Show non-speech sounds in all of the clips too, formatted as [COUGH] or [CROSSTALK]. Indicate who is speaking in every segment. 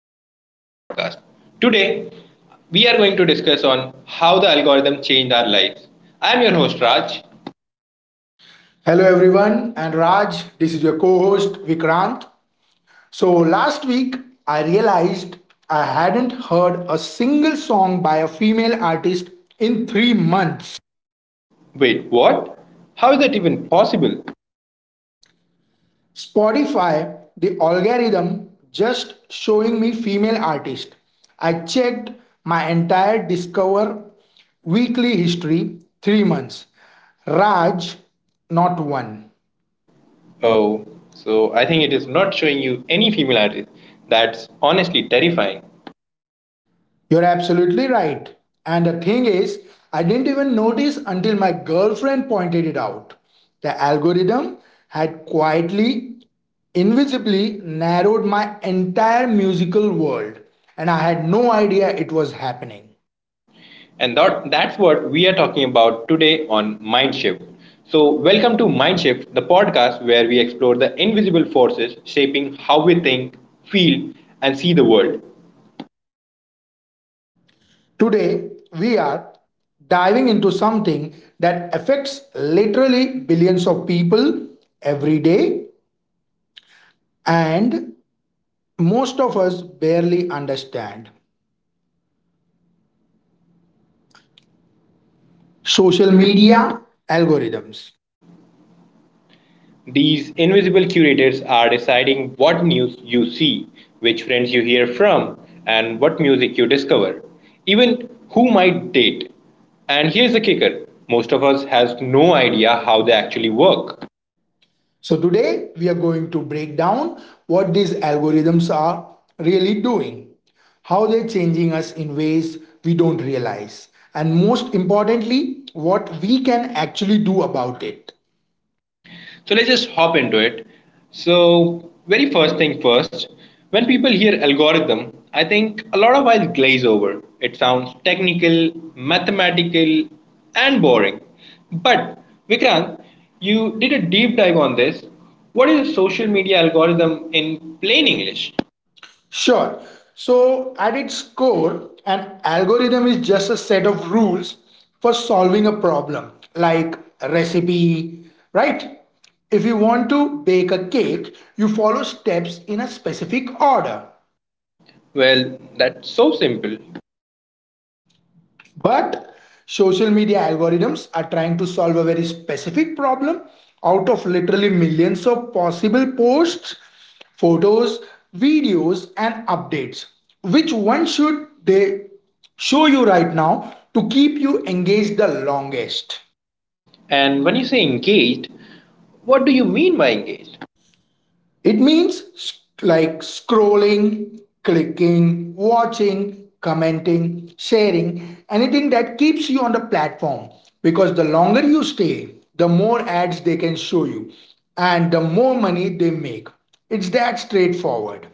Speaker 1: Welcome back to our podcast. Today we are going to discuss on how the algorithm changed our lives. I am your host Raj.
Speaker 2: Hello, everyone, and Raj. This is your co host Vikrant. So, last week I realized I hadn't heard a single song by a female artist in 3 months.
Speaker 1: Wait, what? How is that even possible?
Speaker 2: Spotify, the algorithm, just showing me female artist. I checked my entire Discover weekly history, 3 months. Raj, not one.
Speaker 1: Oh, so I think it is not showing you any female artist. That's honestly terrifying.
Speaker 2: You're absolutely right. And the thing is, I didn't even notice until my girlfriend pointed it out. The algorithm had quietly, invisibly narrowed my entire musical world, and I had no idea it was happening.
Speaker 1: And that's what we are talking about today on Mindshift. So, welcome to Mindshift, the podcast where we explore the invisible forces shaping how we think, feel, and see the world.
Speaker 2: Today, we are diving into something that affects literally billions of people every day, and most of us barely understand. Social
Speaker 1: social
Speaker 2: media
Speaker 1: media,
Speaker 2: algorithms.
Speaker 1: These invisible curators are deciding what news you see, which friends you hear from, and what music you discover, even who might date. And here's the kicker most of us has no idea how they actually work.
Speaker 2: So, today we are going to break down what these algorithms are really doing, how they're changing us in ways we don't realize, and most importantly, what we can actually do about it.
Speaker 1: So let's just hop into it. So, very first thing first, when people hear algorithm, I think a lot of eyes glaze over. It sounds technical, mathematical, and boring. But, Vikrant, you did a deep dive on this. What is a social media algorithm in plain English?
Speaker 2: Sure. So, at its core, an algorithm is just a set of rules for solving a problem, like a recipe, right? If you want to bake a cake, you follow steps in a specific order.
Speaker 1: Well, that's so simple.
Speaker 2: But social media algorithms are trying to solve a very specific problem out of literally millions of possible posts, photos, videos, and updates. Which one should they show you right now to keep you engaged the longest?
Speaker 1: And when you say engaged, what do you mean by engaged?
Speaker 2: It means like scrolling, clicking, watching, commenting, sharing, anything that keeps you on the platform. Because the longer you stay, the more ads they can show you and the more money they make. It's that straightforward.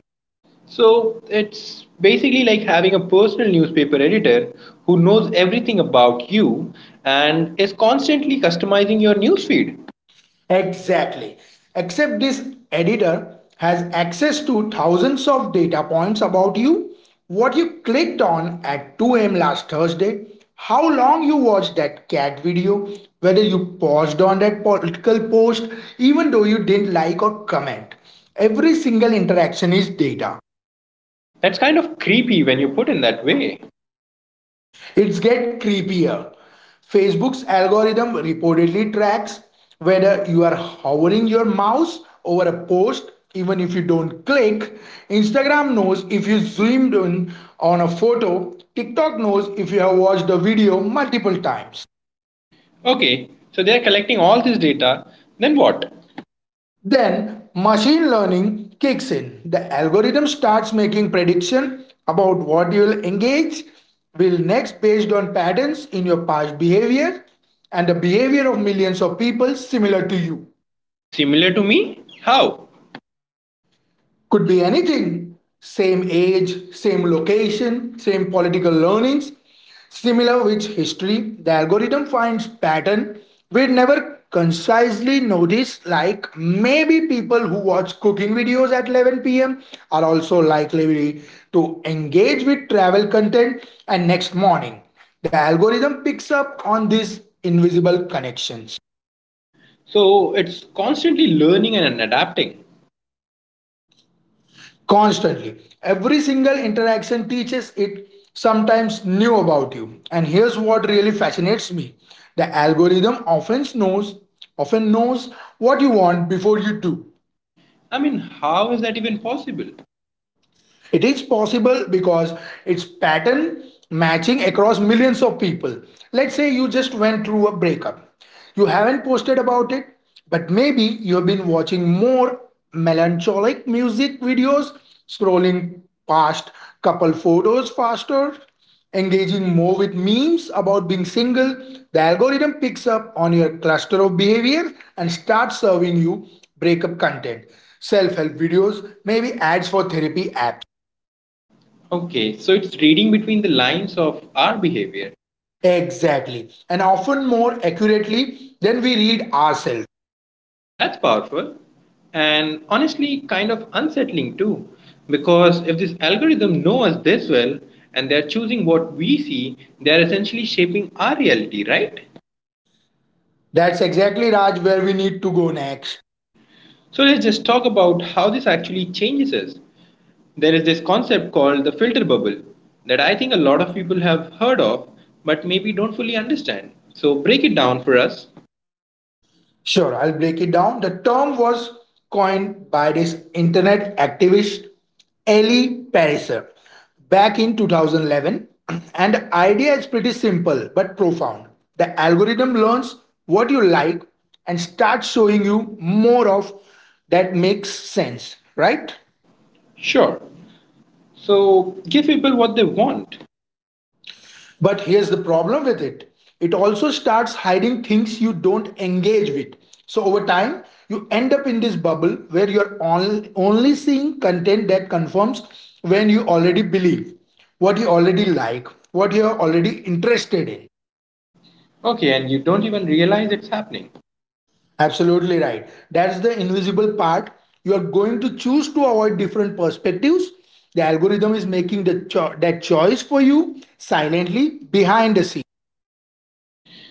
Speaker 1: So it's basically like having a personal newspaper editor who knows everything about you and is constantly customizing your newsfeed.
Speaker 2: Exactly. Except this editor has access to thousands of data points about you, what you clicked on at 2 a.m. last Thursday, how long you watched that cat video, whether you paused on that political post, even though you didn't like or comment. Every single interaction is data.
Speaker 1: That's kind of creepy when you put in that way.
Speaker 2: It's get creepier. Facebook's algorithm reportedly tracks whether you are hovering your mouse over a post even if you don't click. Instagram knows if you zoomed in on a photo. TikTok knows if you have watched the video multiple times.
Speaker 1: Okay, so they're collecting all this data, then what?
Speaker 2: Then machine learning kicks in. The algorithm starts making prediction about what you will next based on patterns in your past behavior and the behavior of millions of people similar to you.
Speaker 1: Similar to me? How?
Speaker 2: Could be anything: same age, same location, same political learnings. Similar with history, the algorithm finds pattern we never concisely notice, like maybe people who watch cooking videos at 11 p.m. are also likely to engage with travel content, and next morning the algorithm picks up on these invisible connections
Speaker 1: So it's constantly learning and adapting.
Speaker 2: constantly. Every single interaction teaches it sometimes new about you. And here's what really fascinates me. The algorithm often knows what you want before you do.
Speaker 1: I mean, how is that even possible?
Speaker 2: It is possible because it's pattern matching across millions of people. Let's say you just went through a breakup. You haven't posted about it, but maybe you have been watching more melancholic music videos, scrolling past couple photos faster, engaging more with memes about being single. The algorithm picks up on your cluster of behaviors and starts serving you breakup content, self help videos, maybe ads for therapy apps.
Speaker 1: Okay, so it's reading between the lines of our behavior.
Speaker 2: Exactly. And often more accurately than we read ourselves.
Speaker 1: That's powerful and honestly kind of unsettling too, because if this algorithm knows us this well and they're choosing what we see, they're essentially shaping our reality, right?
Speaker 2: That's exactly, Raj, where we need to go next.
Speaker 1: So let's just talk about how this actually changes us. There is this concept called the filter bubble that I think a lot of people have heard of but maybe don't fully understand. So break it down for us.
Speaker 2: Sure, I'll break it down. The term was coined by this internet activist Ellie Pariser back in 2011. [CLEARS THROAT] And the idea is pretty simple but profound. The algorithm learns what you like and starts showing you more of that, makes sense, right?
Speaker 1: Sure. So give people what they want.
Speaker 2: But here's the problem with it: it also starts hiding things you don't engage with. So over time, you end up in this bubble where you're only seeing content that confirms when you already believe, what you already like, what you're already interested in.
Speaker 1: Okay, and you don't even realize it's happening.
Speaker 2: Absolutely right. That's the invisible part. You are going to choose to avoid different perspectives. The algorithm is making the that choice for you silently behind the scenes.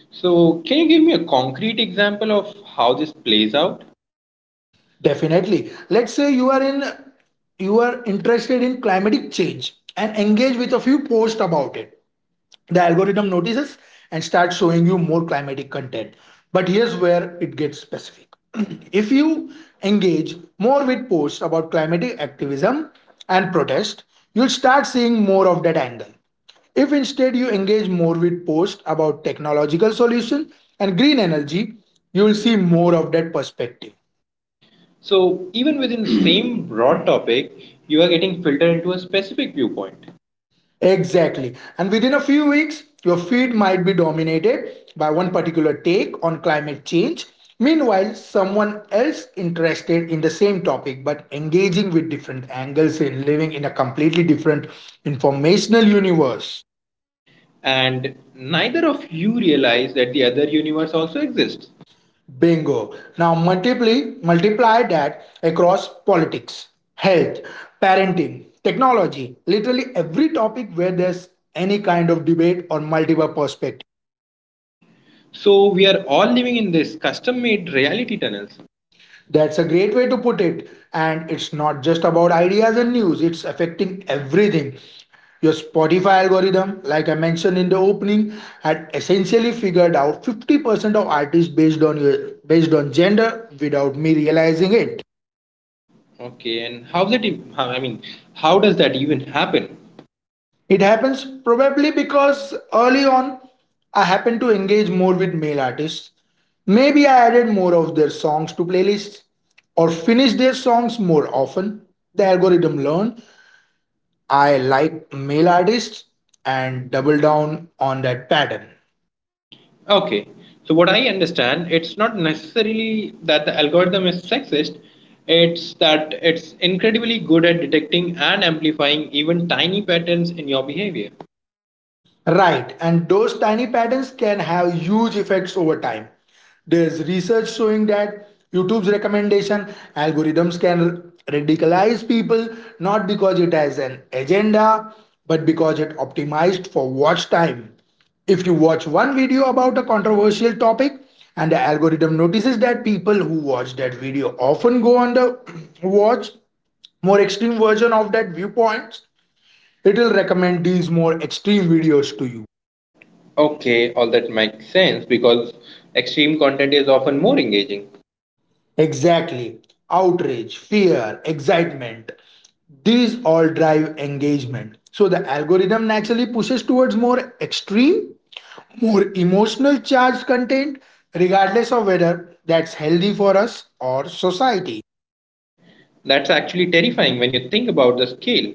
Speaker 1: So, can you give me a concrete example of how this plays out?
Speaker 2: Definitely. Let's say you are interested in climatic change and engage with a few posts about it. The algorithm notices and starts showing you more climatic content. But here's where it gets specific. [CLEARS THROAT] If you engage more with posts about climatic activism and protest, you'll start seeing more of that angle. If instead you engage more with posts about technological solutions and green energy, you will see more of that perspective.
Speaker 1: So, even within the [CLEARS THROAT] same broad topic, you are getting filtered into a specific viewpoint,
Speaker 2: Exactly. And within a few weeks, your feed might be dominated by one particular take on climate change. Meanwhile, someone else interested in the same topic but engaging with different angles and living in a completely different informational universe.
Speaker 1: and neither of you realize that the other universe also exists.
Speaker 2: Bingo. Now multiply that across politics, health, parenting, technology, literally every topic where there's any kind of debate or multiple perspective.
Speaker 1: So, we are all living in this custom made reality tunnels.
Speaker 2: That's a great way to put it. And it's not just about ideas and news, it's affecting everything. Your Spotify algorithm, like I mentioned in the opening, had essentially figured out 50% of artists based on gender without me realizing it.
Speaker 1: Okay, and how's it? E- How, I mean, how does that even happen?
Speaker 2: It happens probably because early on I happened to engage more with male artists. Maybe I added more of their songs to playlists or finished their songs more often. The algorithm learned I like male artists and double down on that pattern.
Speaker 1: Okay. So what I understand, it's not necessarily that the algorithm is sexist. It's that it's incredibly good at detecting and amplifying even tiny patterns in your behavior.
Speaker 2: Right, and those tiny patterns can have huge effects over time. There's research showing that YouTube's recommendation algorithms can radicalize people not because it has an agenda, but because it optimized for watch time. If you watch one video about a controversial topic and the algorithm notices that people who watch that video often go on the [CLEARS THROAT] watch more extreme version of that viewpoints, it will recommend these more extreme videos to you.
Speaker 1: Okay, all that makes sense because extreme content is often more engaging.
Speaker 2: Exactly. Outrage, fear, excitement. These all drive engagement. So the algorithm naturally pushes towards more extreme, more emotional charged content, regardless of whether that's healthy for us or society.
Speaker 1: That's actually terrifying when you think about the scale.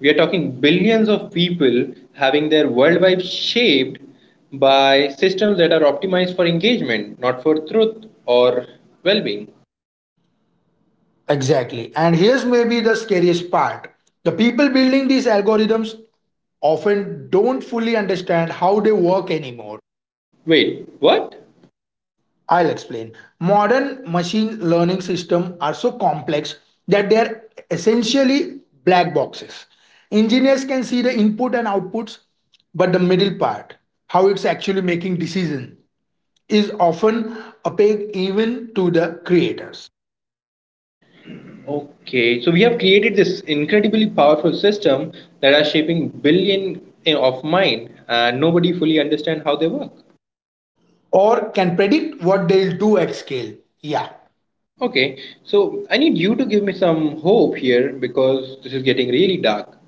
Speaker 1: We are talking billions of people having their worldwide shaped by systems that are optimized for engagement, not for truth or well being.
Speaker 2: Exactly. And here's maybe the scariest part: the people building these algorithms often don't fully understand how they work anymore.
Speaker 1: Wait, what?
Speaker 2: I'll explain. Modern machine learning systems are so complex that they are essentially black boxes. Engineers can see the input and outputs, but the middle part, how it's actually making decisions, is often opaque even to the creators,
Speaker 1: Okay, so we have created this incredibly powerful system that are shaping billion of mind and nobody fully understand how they work.
Speaker 2: or can predict what they'll do at scale. Yeah,
Speaker 1: Okay, so I need you to give me some hope here because this is getting really dark.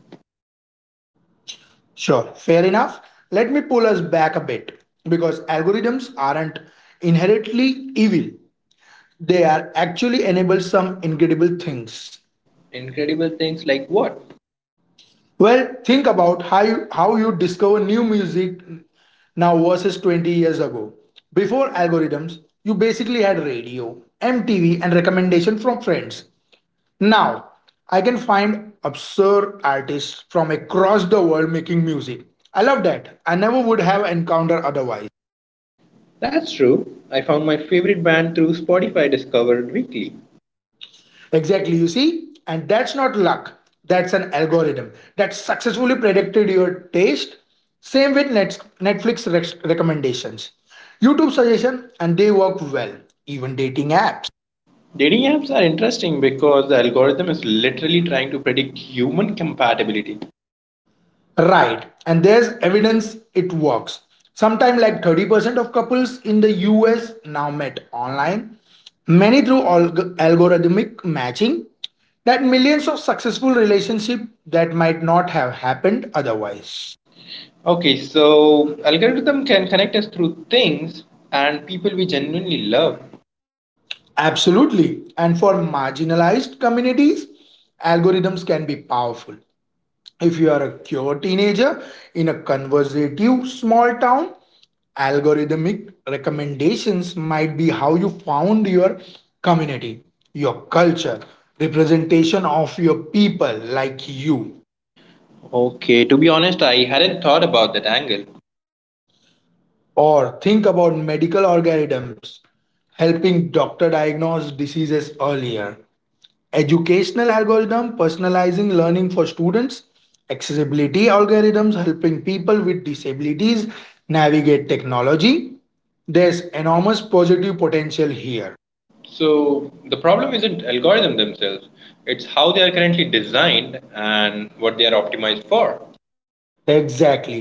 Speaker 2: sure, fair enough. Let me pull us back a bit, because algorithms aren't inherently evil, they are actually enable some incredible things.
Speaker 1: Incredible things like what?
Speaker 2: Well, think about how you discover new music now versus 20 years ago. Before algorithms, you basically had radio, MTV, and recommendation from friends. Now, I can find absurd artists from across the world making music. I love that. I never would have encountered otherwise.
Speaker 1: That's true. I found my favorite band through Spotify Discovered Weekly.
Speaker 2: Exactly, you see? And that's not luck. That's an algorithm that successfully predicted your taste. Same with Netflix recommendations, YouTube suggestion, and they work well. Even dating apps.
Speaker 1: Dating apps are interesting because the algorithm is literally trying to predict human compatibility.
Speaker 2: Right. And there's evidence it works. Sometime like 30% of couples in the US now met online, many through algorithmic matching, that millions of successful relationship that might not have happened otherwise.
Speaker 1: Okay, so algorithm can connect us through things and people we genuinely love.
Speaker 2: Absolutely. And for marginalized communities, algorithms can be powerful. If you are a queer teenager in a conservative small town, algorithmic recommendations might be how you found your community, your culture, representation of your people like you.
Speaker 1: Okay, to be honest, I hadn't thought about that angle.
Speaker 2: Or think about medical algorithms helping doctor diagnose diseases earlier, educational algorithm personalizing learning for students, accessibility algorithms helping people with disabilities navigate technology. There's enormous positive potential here.
Speaker 1: So the problem isn't algorithm themselves; it's how they are currently designed and what they are optimized for.
Speaker 2: Exactly.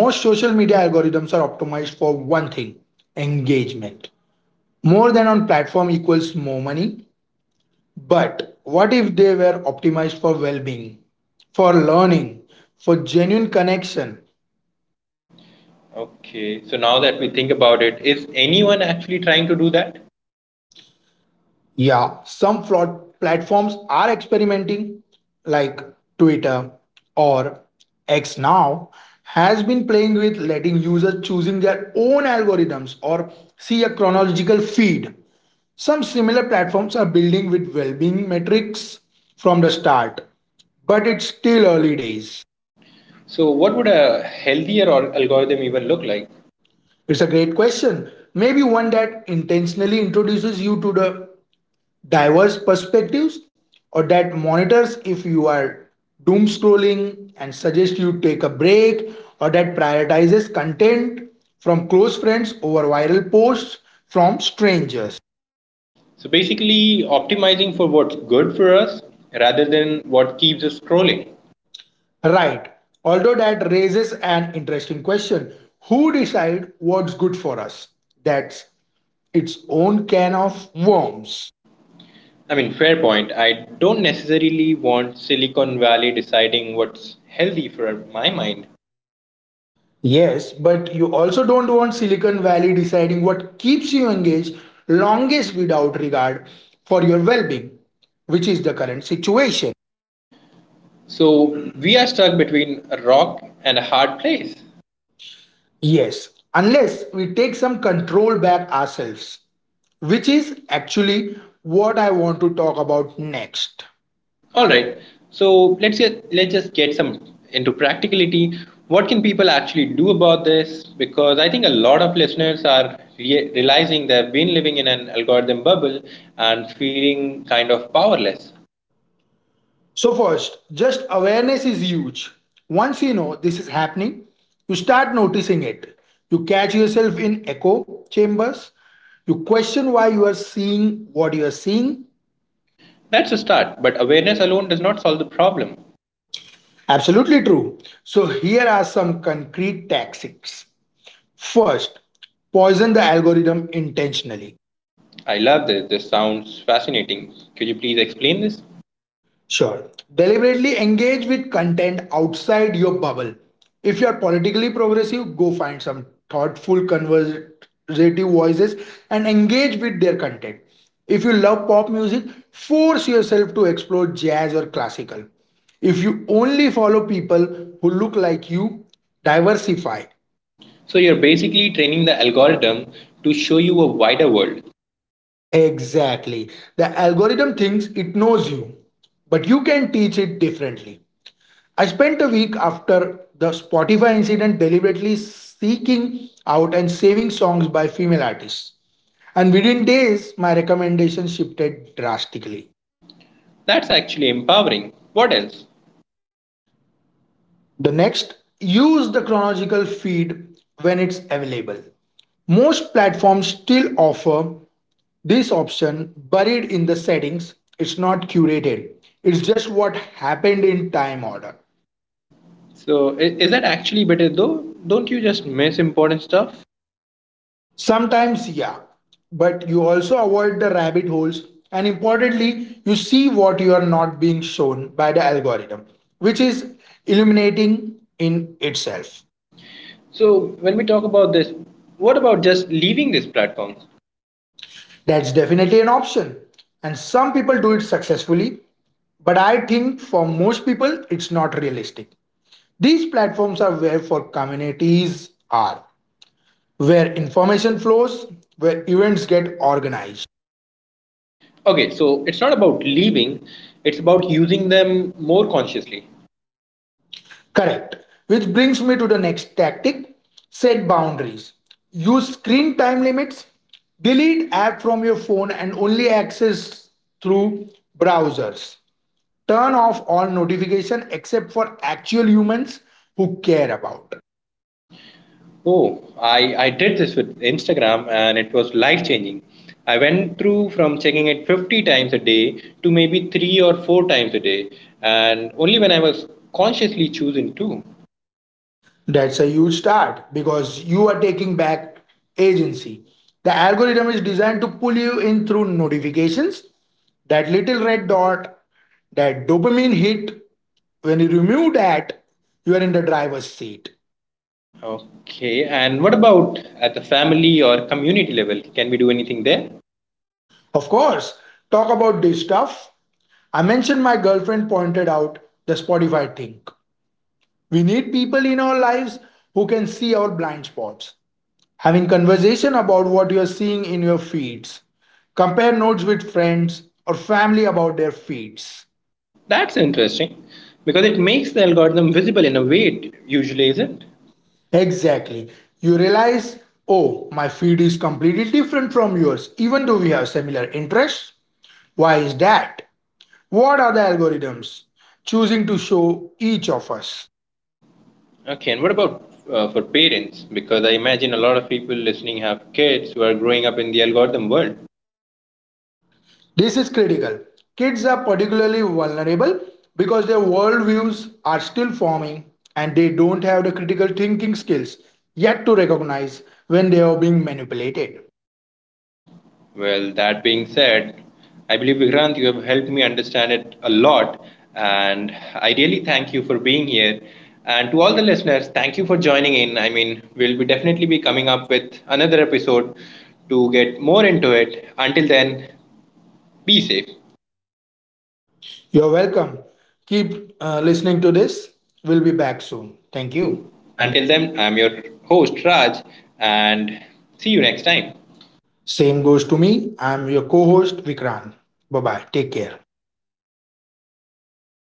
Speaker 2: Most social media algorithms are optimized for one thing: engagement. More than on platform equals more money. But what if they were optimized for well-being, for learning, for genuine connection?
Speaker 1: Okay, so now that we think about it, is anyone actually trying to do that?
Speaker 2: Yeah, some fraud platforms are experimenting, like Twitter, or X now, has been playing with letting users choosing their own algorithms or see a chronological feed. Some similar platforms are building with well-being metrics from the start, but it's still early days.
Speaker 1: So what would a healthier or algorithm even look like?
Speaker 2: It's a great question. Maybe one that intentionally introduces you to the diverse perspectives, or that monitors if you are doom scrolling and suggests you take a break, or that prioritizes content from close friends over viral posts from strangers.
Speaker 1: So basically, optimizing for what's good for us rather than what keeps us scrolling.
Speaker 2: Right, although that raises an interesting question: who decides what's good for us? That's its own can of worms.
Speaker 1: I mean, fair point. I don't necessarily want Silicon Valley deciding what's healthy for my mind.
Speaker 2: Yes, but you also don't want Silicon Valley deciding what keeps you engaged longest without regard for your well being, which is the current situation.
Speaker 1: So we are stuck between a rock and a hard place.
Speaker 2: Yes, unless we take some control back ourselves, which is actually what I want to talk about next.
Speaker 1: All
Speaker 2: All right.
Speaker 1: right. So let's just get some into practicality. What can people actually do about this? Because I think a lot of listeners are realizing they've been living in an algorithm bubble and feeling kind of powerless.
Speaker 2: So, first, just awareness is huge. Once you know this is happening, you start noticing it. You catch yourself in echo chambers. You question why you are seeing what you are seeing.
Speaker 1: That's a start, but awareness alone does not solve the problem.
Speaker 2: Absolutely true. So, here are some concrete tactics. First, poison the algorithm intentionally.
Speaker 1: I love this. This sounds fascinating. Could you please explain this?
Speaker 2: Sure. Deliberately engage with content outside your bubble. If you are politically progressive, go find some thoughtful, conversative voices and engage with their content. If you love pop music, force yourself to explore jazz or classical. If you only follow people who look like you, diversify.
Speaker 1: So, you're basically training the algorithm to show you a wider world.
Speaker 2: Exactly. The algorithm thinks it knows you, but you can teach it differently. I spent a week after the Spotify incident deliberately seeking out and saving songs by female artists. And within days, my recommendations shifted drastically.
Speaker 1: That's actually empowering. What else?
Speaker 2: The next, use the chronological feed when it's available. Most platforms still offer this option buried in the settings. It's not curated, it's just what happened in time order.
Speaker 1: So, is that actually better though? Don't you just miss important stuff?
Speaker 2: Sometimes, yeah, but you also avoid the rabbit holes, and importantly, you see what you are not being shown by the algorithm, which is illuminating in itself.
Speaker 1: So, when we talk about this, what about just leaving these platforms?
Speaker 2: That's definitely an option, and some people do it successfully, but I think for most people, it's not realistic. These platforms are where for communities are, where information flows, where events get organized.
Speaker 1: Okay, so it's not about leaving, it's about using them more consciously.
Speaker 2: Correct. Which brings me to the next tactic: set boundaries. Use screen time limits. Delete app from your phone and only access through browsers. Turn off all notifications except for actual humans who care about.
Speaker 1: Oh, I did this with Instagram and it was life changing. I went through from checking it 50 times a day to maybe three or four times a day, and only when I was consciously choosing to.
Speaker 2: That's a huge start because you are taking back agency. The algorithm is designed to pull you in through notifications, that little red dot, that dopamine hit. When you remove that, you are in the driver's seat.
Speaker 1: Okay, and what about at the family or community level? Can we do anything there?
Speaker 2: Of course, talk about this stuff. I mentioned my girlfriend pointed out the Spotify thing. We need people in our lives who can see our blind spots. Having conversation about what you're seeing in your feeds. Compare notes with friends or family about their feeds.
Speaker 1: That's interesting because it makes the algorithm visible in a way it usually isn't.
Speaker 2: Exactly. You realize, oh, my feed is completely different from yours, even though we have similar interests. Why is that? What are the algorithms choosing to show each of us?
Speaker 1: Okay, and what about for parents? Because I imagine a lot of people listening have kids who are growing up in the algorithm world.
Speaker 2: This is critical. Kids are particularly vulnerable because their worldviews are still forming and they don't have the critical thinking skills yet to recognize when they are being manipulated.
Speaker 1: Well, that being said, I believe Vikrant, you have helped me understand it a lot, and I really thank you for being here. And to all the listeners, thank you for joining in. I mean, we'll be definitely be coming up with another episode to get more into it. Until then, be safe. Thank
Speaker 2: You're welcome. Keep listening to this. We'll be back soon. Thank you.
Speaker 1: you.
Speaker 2: And
Speaker 1: Until then, I'm your host Raj, and see you next time.
Speaker 2: same goes to me. I'm your co host, Vikrant. Bye bye. Take care.